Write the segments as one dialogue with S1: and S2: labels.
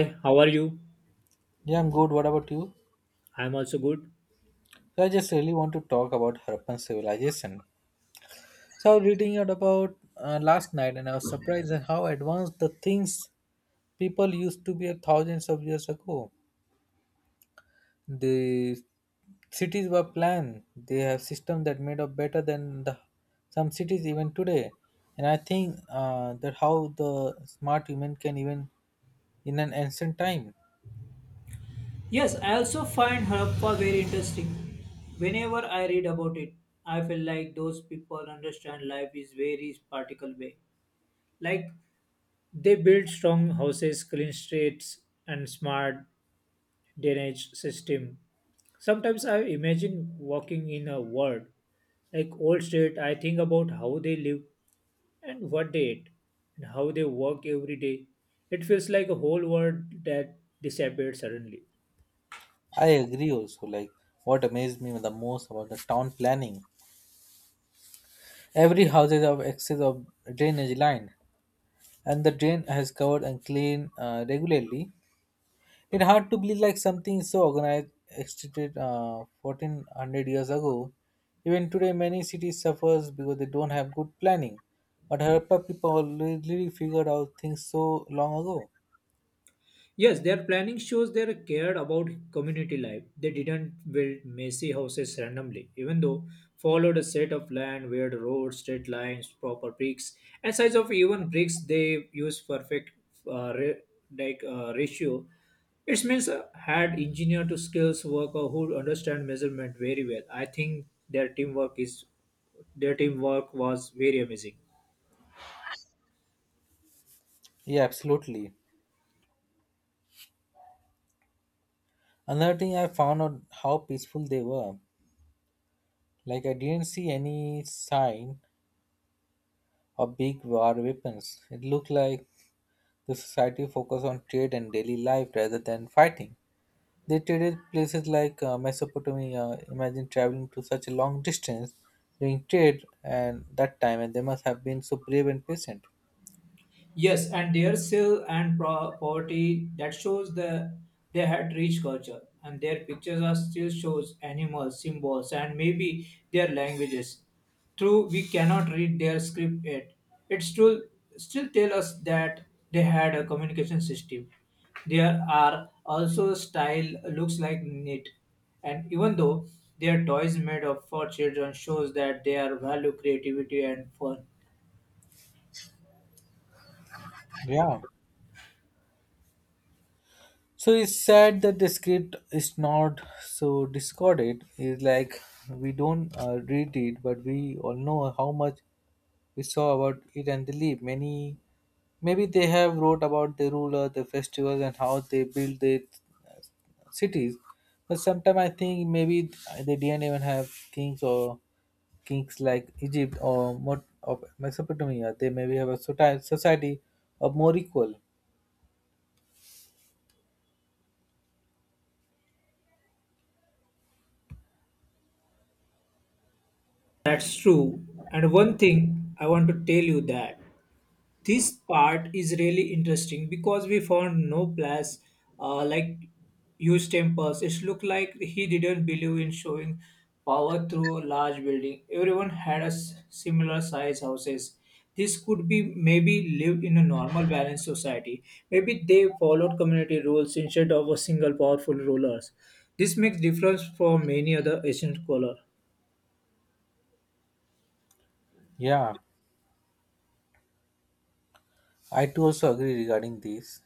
S1: Hey, how are you?
S2: Yeah, I'm good. What about you?
S1: I'm also good.
S2: So I just really want to talk about Harappan civilization. So I was reading it about last night, and I was surprised at how advanced the things people used to be thousands of years ago. The cities were planned. They have systems that made up better than the some cities even today. And I think that how the smart human can even in an ancient time.
S1: Yes, I also find Harappa very interesting. Whenever I read about it, I feel like those people understand life is very particular way. Like they build strong houses, clean streets, and smart drainage system. Sometimes I imagine walking in a world like old street. I think about how they live and what they eat and how they work every day. It feels like a whole world that disappeared suddenly.
S2: I agree also. Like what amazed me the most about the town planning. Every house is of excess of drainage line, and the drain has covered and cleaned regularly. It hard to believe like something so organized existed 1400 years ago. Even today, many cities suffers because they don't have good planning. But Harappa people already figured out things so long ago.
S1: Yes, their planning shows they cared about community life. They didn't build messy houses randomly, even though followed a set of land, weird roads, straight lines, proper bricks, and size of even bricks they use perfect uh, re- like ratio. It means had engineer to skills worker who understand measurement very well. I think their teamwork was very amazing.
S2: Yeah, absolutely. Another thing I found out how peaceful they were. Like I didn't see any sign of big war weapons. It looked like the society focused on trade and daily life rather than fighting. They traded places like Mesopotamia. Imagine traveling to such a long distance during trade and that time, and they must have been so brave and patient.
S1: Yes, and their skill and poverty that shows they had rich culture, and their pictures are still shows animals, symbols, and maybe their languages. True, we cannot read their script yet. It still tell us that they had a communication system. There are also style looks like knit, and even though their toys made up for children shows that they are value creativity and fun.
S2: Yeah. So it's sad that the script is not so discarded. It's like we don't read it, but we all know how much we saw about it and the leap. Many maybe they have wrote about the ruler, the festivals, and how they build it cities, but sometimes I think maybe they didn't even have kings or kings like Egypt or of Mesopotamia. They maybe have a society of more equal.
S1: That's true. And one thing I want to tell you that this part is really interesting because we found no place like used temples. It looked like he didn't believe in showing power through large building. Everyone had a similar size houses. This could be maybe lived in a normal balanced society. Maybe they followed community rules instead of a single powerful rulers. This makes difference from many other ancient color.
S2: Yeah, I too also agree regarding this.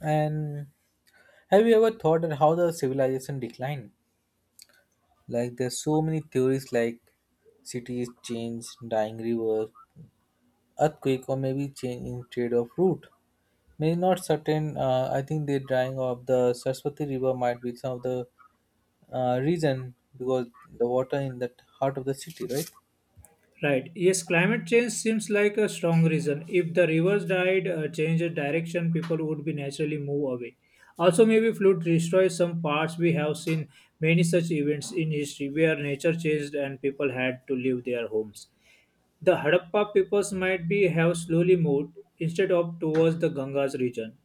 S2: And have you ever thought at how the civilization declined? Like there's so many theories like cities change, dying rivers, earthquake, or maybe change in trade of route. May not certain. I think the drying of the Saraswati River might be some of the reason, because the water in that heart of the city, right?
S1: Right. Yes, climate change seems like a strong reason. If the rivers died, change direction, people would be naturally move away. Also, maybe flood destroys some parts. We have seen many such events in history where nature changed and people had to leave their homes. The Harappa peoples might be have slowly moved instead of towards the Ganga's region.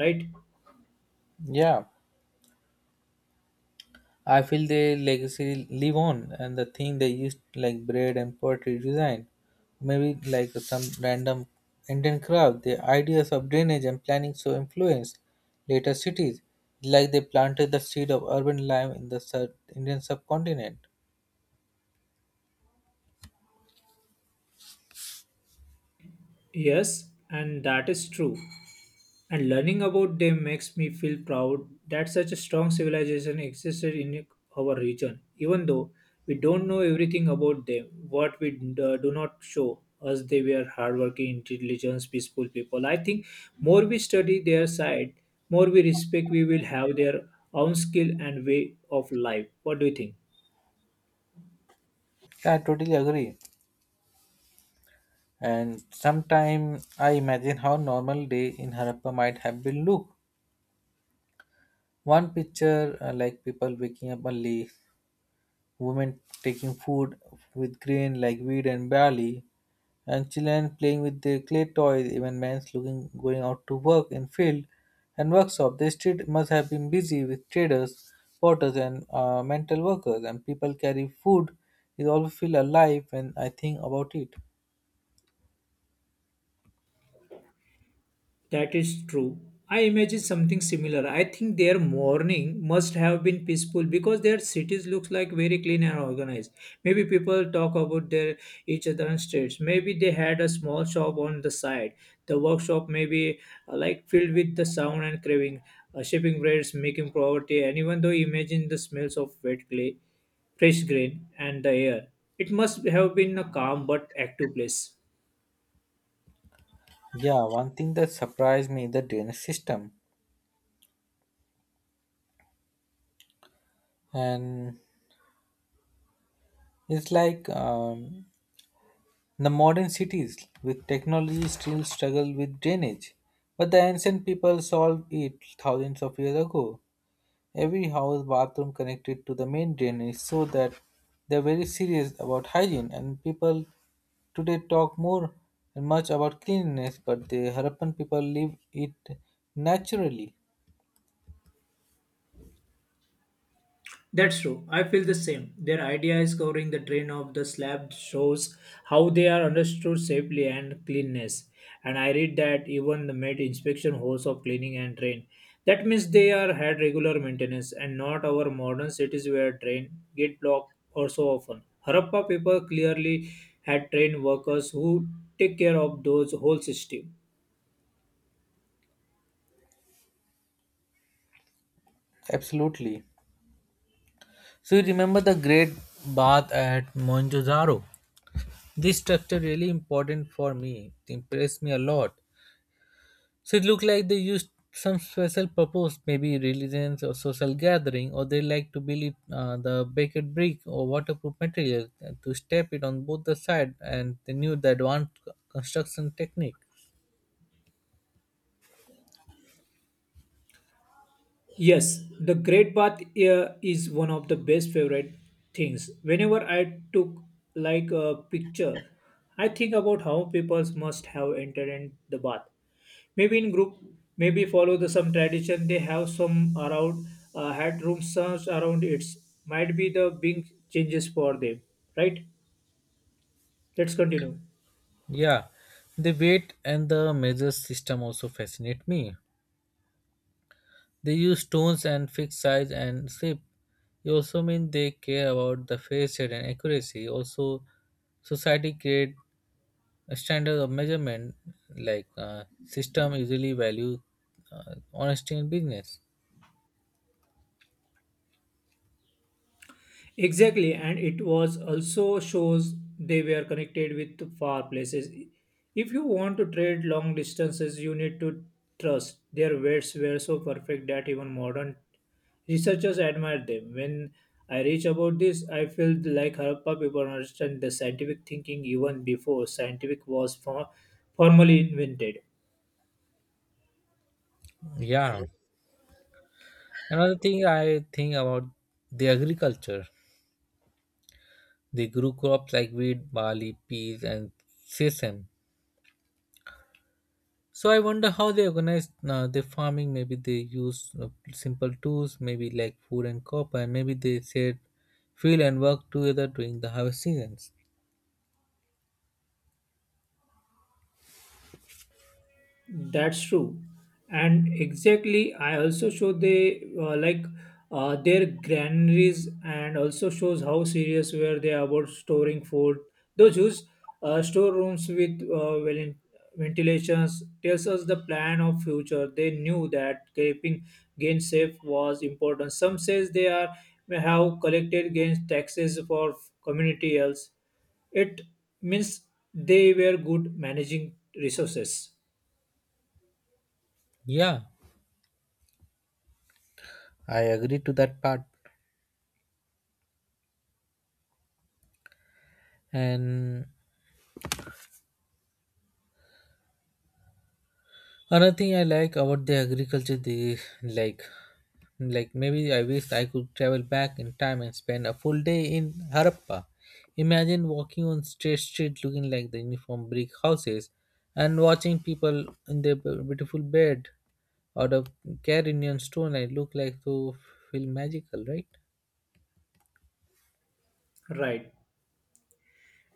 S1: Right?
S2: Yeah, I feel the legacy live on, and the thing they used like bread and poetry design, maybe like some random Indian craft. The ideas of drainage and planning so influenced later cities, like they planted the seed of urban life in the Indian subcontinent.
S1: Yes, and that is true. And learning about them makes me feel proud that such a strong civilization existed in our region. Even though we don't know everything about them, what we do not show us they were hardworking, intelligent, peaceful people. I think more we study their side, more we respect we will have their own skill and way of life. What do you think?
S2: Yeah, I totally agree. And sometime I imagine how normal day in Harappa might have been look. One picture like people waking up early, women taking food with grain like wheat and barley, and children playing with their clay toys, even men looking going out to work in field and workshop. The street must have been busy with traders, porters, and mental workers, and people carry food is always feel alive when I think about it.
S1: That is true. I imagine something similar. I think their morning must have been peaceful because their cities looks like very clean and organized. Maybe people talk about their each other and streets. Maybe they had a small shop on the side. The workshop maybe like filled with the sound and craving, shaping breads, making poverty, and even though imagine the smells of wet clay, fresh grain, and the air. It must have been a calm but active place.
S2: Yeah, one thing that surprised me the drainage system. And it's like the modern cities with technology still struggle with drainage, but the ancient people solved it thousands of years ago. Every house bathroom connected to the main drainage, so that they're very serious about hygiene, and people today talk more and much about cleanliness, but the Harappan people live it naturally.
S1: That's true. I feel the same. Their idea is covering the drain of the slab shows how they are understood safely and cleanness. And I read that even the met inspection hosts of cleaning and drain. That means they are had regular maintenance and not our modern cities where drain get blocked or so often. Harappa people clearly had trained workers who take care of those whole system.
S2: Absolutely. So you remember the Great Bath at Mohenjo-daro? This structure really important for me. It impressed me a lot. So it looked like they used some special purpose, maybe religions or social gathering, or they like to build it, the baked brick or waterproof material to step it on both the side, and they knew the advanced construction technique.
S1: Yes, the Great Bath is one of the best favorite things. Whenever I took like a picture, I think about how people must have entered in the bath. Maybe in group, maybe follow the some tradition. They have some around had room serves around it. Might be the big changes for them, right? Let's continue.
S2: Yeah, the weight and the measure system also fascinate me. They use stones and fixed size and shape. It also mean they care about the fair share and accuracy. Also, society create a standard of measurement like system usually value honesty in business.
S1: Exactly, and it was also shows they were connected with far places. If you want to trade long distances, you need to trust their weights were so perfect that even modern researchers admire them. When I reach about this, I feel like Harappa people understand the scientific thinking even before scientific was formally invented.
S2: Yeah. Another thing I think about the agriculture. They grew crops like wheat, barley, peas, and sesame. So I wonder how they organized their farming. Maybe they used simple tools, maybe like food and copper, and maybe they shared field and worked together during the harvest seasons.
S1: That's true. And exactly, I also show they like their granaries and also shows how serious were they about storing food. Those whose storerooms with well ventilations tells us the plan of future. They knew that keeping gains safe was important. Some says they are may have collected gains taxes for community else. It means they were good managing resources.
S2: Yeah, I agree to that part. And another thing I like about the agriculture the like like maybe I wish I could travel back in time and spend a full day in Harappa. Imagine walking on straight street looking like the uniform brick houses and watching people in their beautiful bed out of Carinian stone. I look like to feel magical, right?
S1: Right.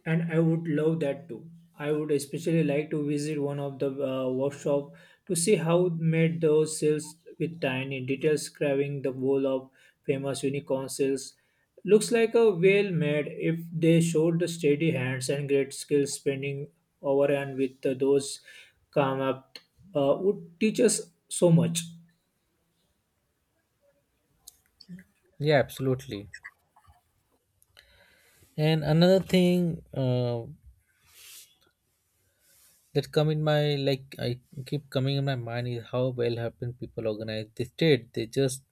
S1: And I would love that too. I would especially like to visit one of the workshop to see how made those cells with tiny details carving the bowl of famous unicorn cells. Looks like a well made if they showed the steady hands and great skill spending over and with those come up would teach us so much.
S2: Yeah, absolutely. And another thing that come in my like I keep coming in my mind is how well happened people organize this trade. They just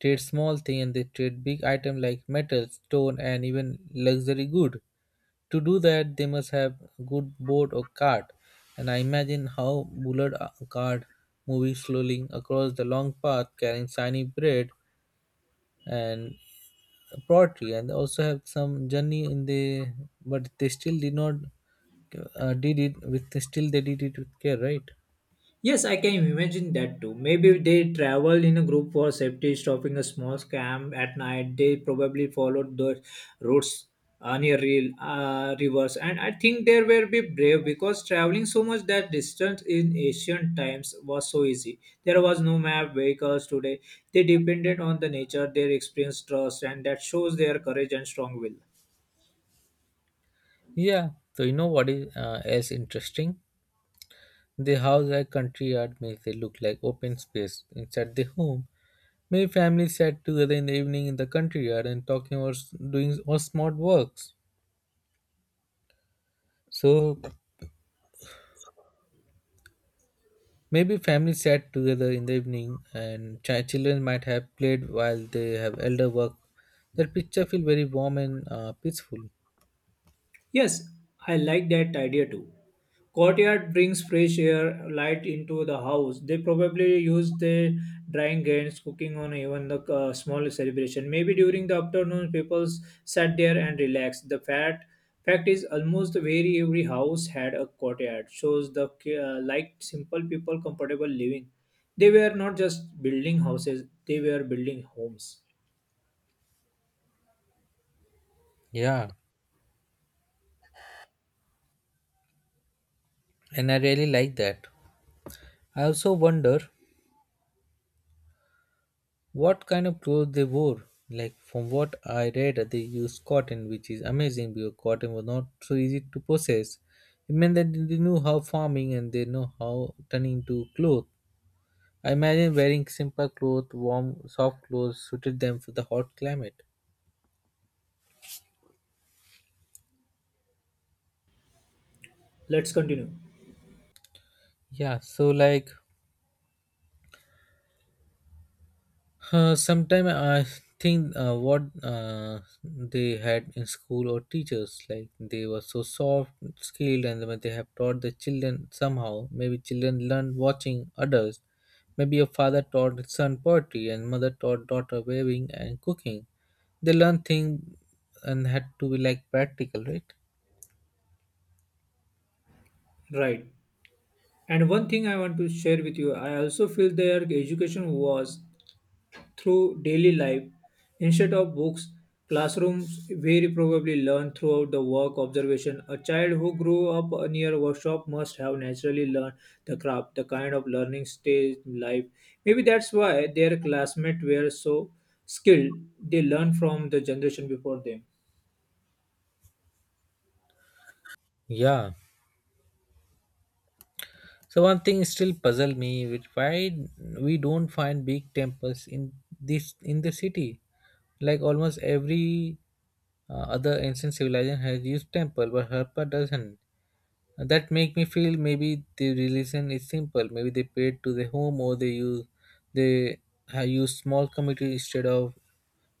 S2: trade small thing and they trade big item like metal, stone, and even luxury good. To do that, they must have good board or cart. And I imagine how Bullard cart moving slowly across the long path carrying shiny bread and pottery, and they also have some journey in the but they still did not did it with still they did it with care, right?
S1: Yes, I can imagine that too. Maybe they traveled in a group for safety, stopping a small camp at night. They probably followed the routes near real rivers, and I think they were be brave because traveling so much that distance in ancient times was so easy. There was no map, vehicles today. They depended on the nature, their experience, trust, and that shows their courage and strong will.
S2: Yeah, so you know what is else interesting? The house like country yard makes it look like open space inside the home. Many families sat together in the evening in the country yard and talking or doing or smart works. So maybe families sat together in the evening and children might have played while they have elder work. That picture feel very warm and peaceful.
S1: Yes, I like that idea too. Courtyard brings fresh air, light into the house. They probably use the drying games, cooking on even the small celebration. Maybe during the afternoon, people sat there and relaxed. The fact is, almost very every house had a courtyard. Shows the like simple people comfortable living. They were not just building houses; they were building homes.
S2: Yeah, and I really like that. I also wonder what kind of clothes they wore. Like from what I read, they used cotton, which is amazing because cotton was not so easy to process. It meant that they knew how farming and they know how turning to cloth. I imagine wearing simple clothes, warm, soft clothes suited them for the hot climate.
S1: Let's continue.
S2: Yeah, so like sometime I think what they had in school or teachers like they were so soft, skilled, and when they have taught the children somehow. Maybe children learned watching others. Maybe a father taught his son poetry and mother taught daughter weaving and cooking. They learned things and had to be like practical, right?
S1: Right. And one thing I want to share with you, I also feel their education was through daily life instead of books, classrooms very probably learn throughout the work observation. A child who grew up near a workshop must have naturally learned the craft, the kind of learning stage in life. Maybe that's why their classmates were so skilled. They learned from the generation before them.
S2: Yeah. So one thing still puzzle me with why we don't find big temples in this in the city. Like almost every other ancient civilization has used temple, but Harappa doesn't. And that make me feel maybe the religion is simple. Maybe they prayed to the home or they use they have used small community instead of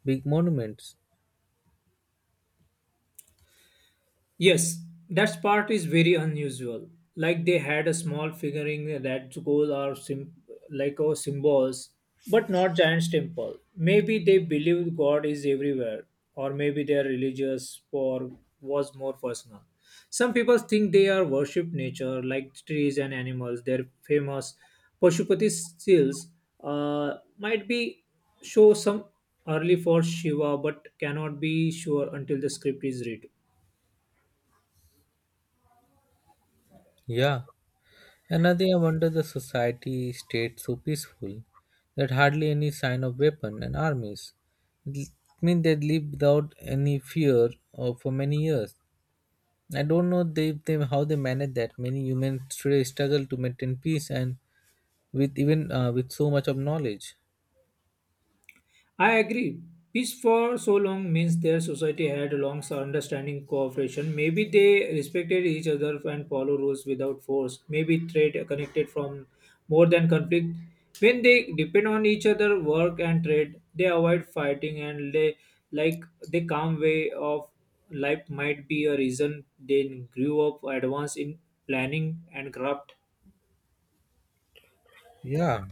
S2: big monuments.
S1: Yes, that part is very unusual. Like they had a small figurine that gold or like or symbols, but not giant temple. Maybe they believe God is everywhere, or maybe they are religious or was more personal. Some people think they are worship nature, like trees and animals. Their famous Pashupati seals might be show some early for Shiva, but cannot be sure until the script is read.
S2: Yeah. Another day I wonder the society stayed so peaceful that hardly any sign of weapon and armies. It mean they lived without any fear for many years. I don't know they, how they manage that. Many humans today struggle to maintain peace and with even with so much of knowledge.
S1: I agree. Peace for so long means their society had a long understanding cooperation. Maybe they respected each other and follow rules without force. Maybe trade connected from more than conflict. When they depend on each other, work and trade, they avoid fighting and they like the calm way of life might be a reason they grew up advanced in planning and craft.
S2: Yeah,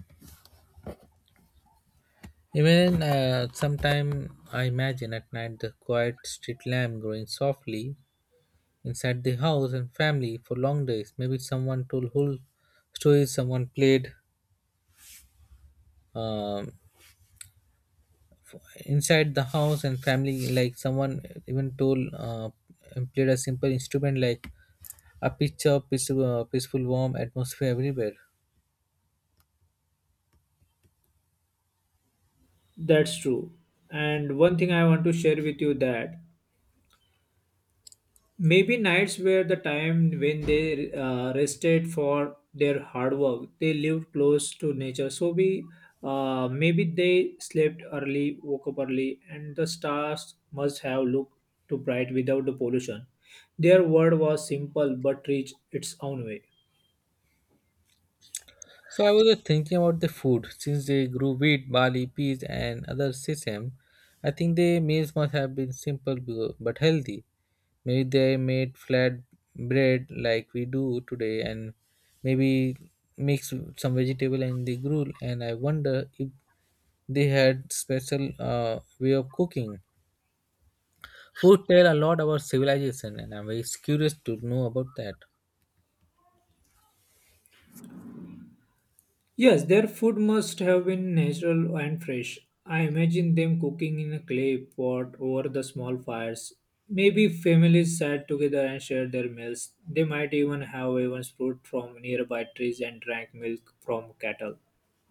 S2: even sometime I imagine at night the quiet street lamp growing softly inside the house and family for long days. Maybe someone told whole stories, someone played um inside the house and family, like someone even told and played a simple instrument like a picture, peaceful, peaceful warm atmosphere everywhere.
S1: That's true. And one thing I want to share with you that maybe nights were the time when they rested for their hard work. They lived close to nature, so we maybe they slept early, woke up early, and the stars must have looked too bright without the pollution. Their world was simple but rich its own way.
S2: So I was just thinking about the food since they grew wheat, barley, peas, and other sesame. I think their meals must have been simple but healthy. Maybe they made flat bread like we do today, and maybe mix some vegetable and they grew. And I wonder if they had special way of cooking. Food tell a lot about civilization, and I'm very curious to know about that.
S1: Yes, their food must have been natural and fresh. I imagine them cooking in a clay pot over the small fires. Maybe families sat together and shared their meals. They might even have even fruit from nearby trees and drank milk from cattle.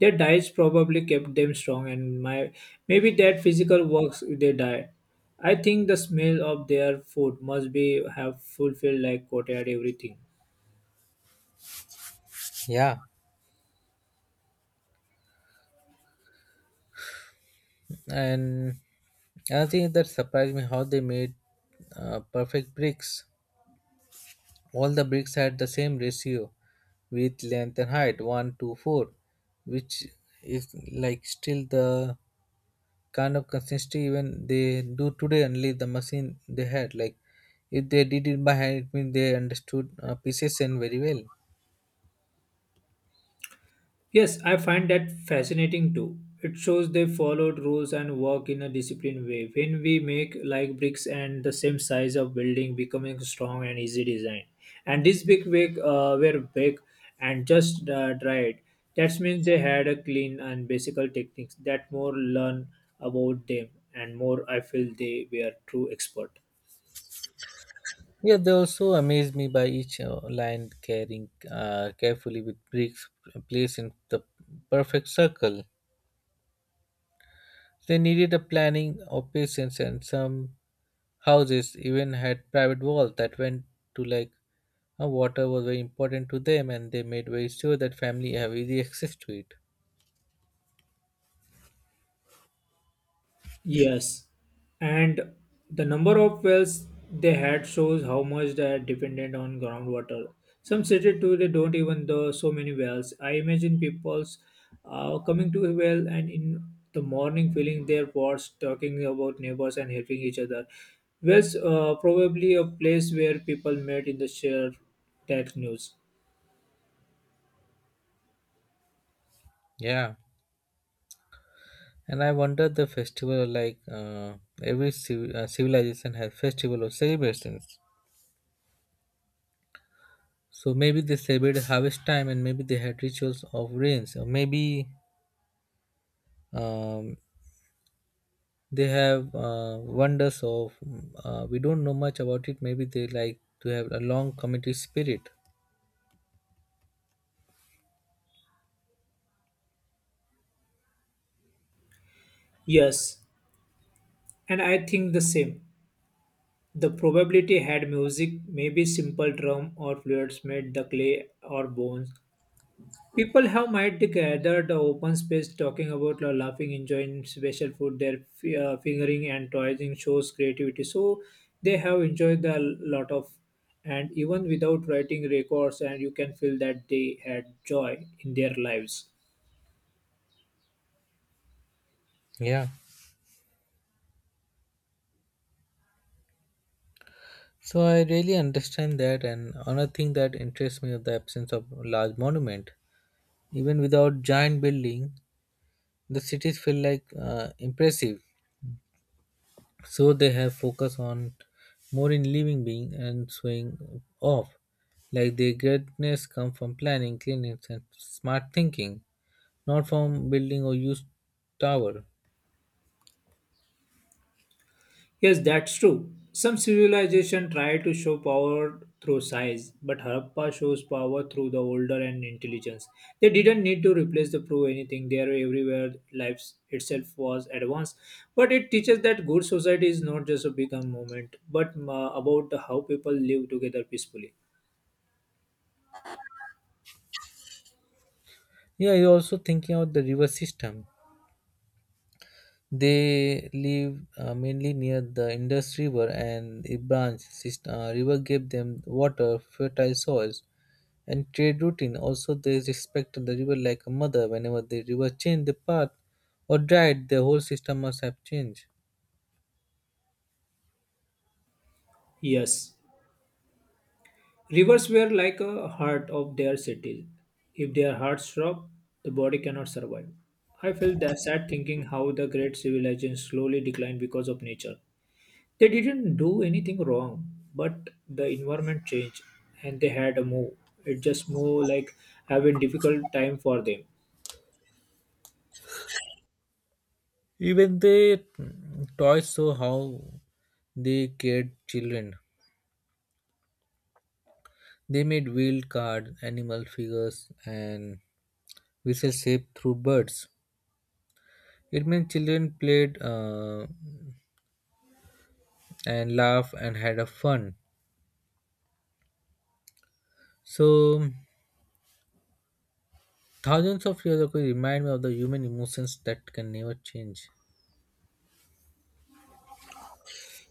S1: Their diets probably kept them strong, and my maybe that physical works they diet. I think the smell of their food must be have fulfilled like coated everything.
S2: Yeah. And another thing that surprised me how they made perfect bricks. All the bricks had the same ratio width length and height 1 to 4, which is like still the kind of consistency even they do today. Only the machine they had like if they did it by hand, it means they understood pieces and very well.
S1: Yes, I find that fascinating too. It shows they followed rules and work in a disciplined way. When we make like bricks and the same size of building becoming strong and easy design. And this big wig were big and just dried. That means they had a clean and basic techniques that more learn about them and more I feel they were true expert.
S2: Yeah, they also amazed me by each line carrying carefully with bricks placed in the perfect circle. They needed a planning of patience, and some houses even had private walls that went to like water was very important to them, and they made very sure that family have easy access to it.
S1: Yes, and the number of wells they had shows how much they are dependent on groundwater. Some cities too, they don't even though so many wells. I imagine people's coming to a well and in the morning filling their pots, talking about neighbors and helping each other. Wells probably a place where people met in the share that news.
S2: Yeah, and I wonder the festival like every civilization has festival or celebrations. So maybe they celebrated harvest time, and maybe they had rituals of rains, or maybe um, they have wonders of we don't know much about it. Maybe they like to have a long community spirit.
S1: Yes, and I think the same. The probability had music, maybe simple drum or flutes made the clay or bones. People have might gather the open space talking about or laughing, enjoying special food, their fingering and toying shows creativity. So they have enjoyed a lot of, and even without writing records, and you can feel that they had joy in their lives.
S2: Yeah, so I really understand that. And another thing that interests me of the absence of large monument. Even without giant building, the cities feel like impressive. So they have focus on more in living being and showing off. Like their greatness come from planning, cleanliness, and smart thinking, not from building or used tower.
S1: Yes, that's true. Some civilization try to show power through size, but Harappa shows power through the order and intelligence. They didn't need to replace the prove anything. They are everywhere. Life itself was advanced, but it teaches that good society is not just a big movement, but about how people live together peacefully.
S2: Yeah, you're also thinking out the river system. They live mainly near the Indus River and the branch system, river gave them water, fertile soils, and trade routine. Also, they respected the river like a mother. Whenever the river changed the path or dried, the whole system must have changed.
S1: Yes. Rivers were like a heart of their city. If their hearts stop, the body cannot survive. I felt that sad thinking how the great civilization slowly declined because of nature. They didn't do anything wrong, but the environment changed and they had a move. It just more like having difficult time for them.
S2: Even the toys show how they cared children. They made wheel cards, animal figures, and whistle shaped through birds. It meant children played and laughed and had a fun. So thousands of years ago remind me of the human emotions that can never change.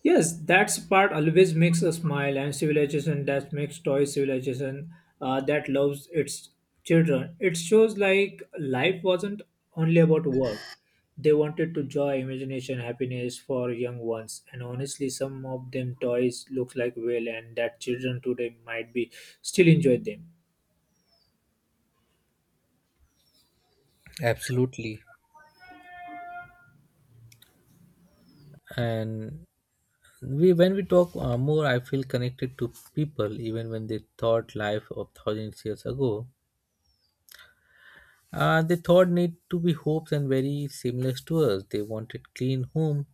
S1: Yes, that's part always makes a smile and civilization that makes toy civilization that loves its children. It shows like life wasn't only about work. They wanted to joy, imagination, happiness for young ones. And honestly, some of them toys look like well and that children today might be still enjoy them.
S2: Absolutely. And we when we talk more, I feel connected to people even when they thought life of thousands years ago. They thought need to be hopes and very similar to us. They wanted clean home,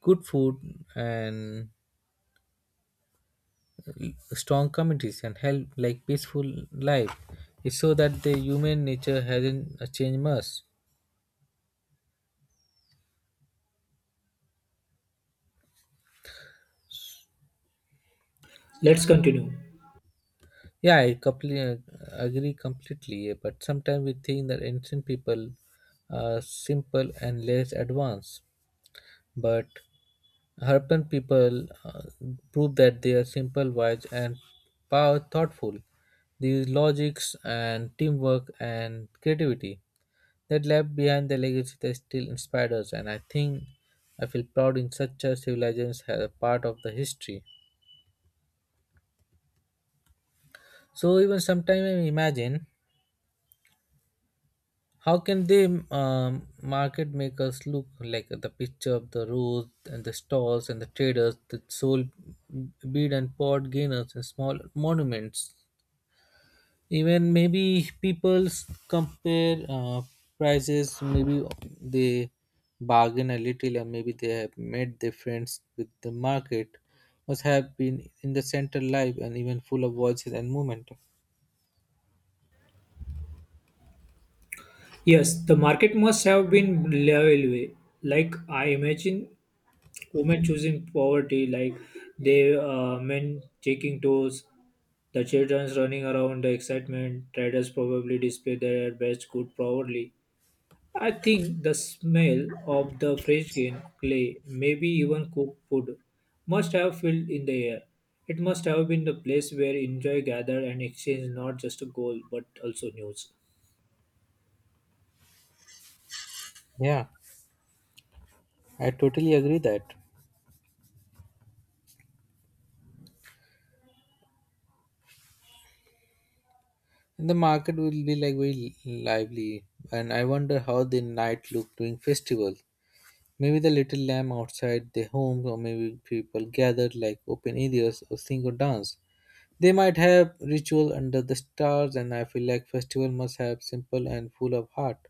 S2: good food, and strong communities and help like peaceful life. It's so that the human nature hasn't changed much.
S1: Let's continue.
S2: Yeah, I completely agree completely, but sometimes we think that ancient people are simple and less advanced, but urban people uh, prove that they are simple wise and power thoughtful, these logics and teamwork and creativity. That left behind the legacy that still inspired us, and I think I feel proud in such a civilization as a part of the history. So even sometimes I imagine how can they market make us look like the picture of the roads and the stalls and the traders that sold bead and pot gainers and small monuments. Even maybe people compare prices, maybe they bargain a little, or maybe they have made their friends with the market. Must have been in the center live and even full of voices and movement.
S1: Yes, the market must have been level way. Like I imagine women choosing poverty like they, men taking tours, the children's running around the excitement, traders probably display their best good proudly. I think the smell of the fresh grain clay maybe even cooked food must have filled in the air. It must have been the place where enjoy gather and exchange not just a goal but also news.
S2: Yeah, I totally agree that. And the market will be like very lively, and I wonder how the night looked during festival. Maybe the little lamb outside their homes, or maybe people gathered like open areas or sing or dance. They might have ritual under the stars, and I feel like festival must have simple and full of heart.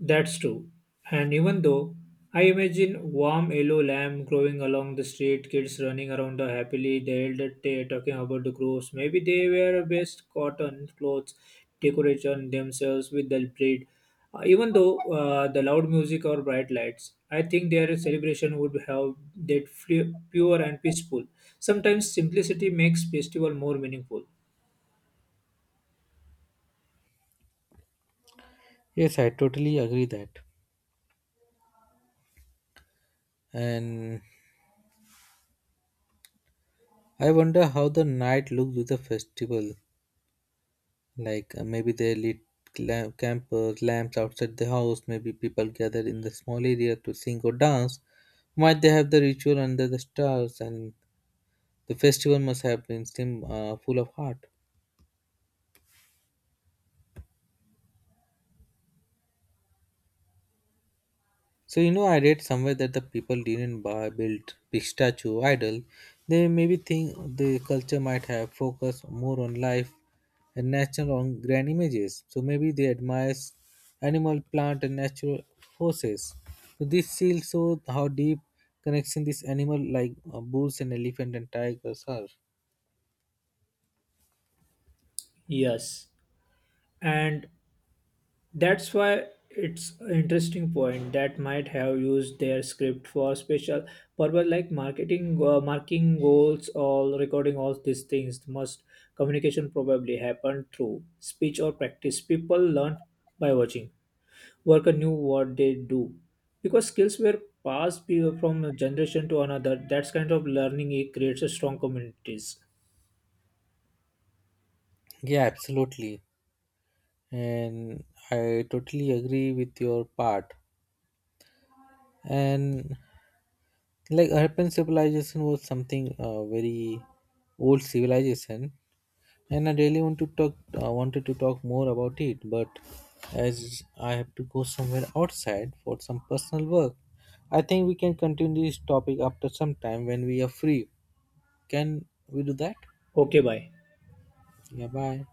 S1: That's true. And even though I imagine warm yellow lamb growing along the street, kids running around the happily, the elder talking about the groves. Maybe they wear best cotton clothes, decoration themselves with the breed. Even though the loud music or bright lights, I think their celebration would have that flu- pure and peaceful. Sometimes simplicity makes festival more meaningful.
S2: Yes, I totally agree that. And I wonder how the night looks with the festival. Like maybe they lit lamp, campers, lamps outside the house. Maybe people gather in the small area to sing or dance. Might they have the ritual under the stars, and the festival must have been full of heart. So I read somewhere that the people didn't build big statue idol. They maybe think the culture might have focused more on life and nature on grand images. So maybe they admire animal, plant, and natural forces. So this shield shows how deep connection this animal like bulls and elephant and tigers are.
S1: Yes. And that's why it's an interesting point that might have used their script for special purpose like marketing, marking goals, or recording all these things. Must communication probably happened through speech or practice. People learn by watching. Worker knew what they do because skills were passed from a generation to another. That's kind of learning. It creates a strong communities.
S2: Yeah, absolutely, and I totally agree with your part. And like Harappan civilization was something very old civilization, and I really wanted to talk more about it, but as I have to go somewhere outside for some personal work, I think we can continue this topic after some time when we are free. Can we do that?
S1: Okay, bye.
S2: Yeah, bye.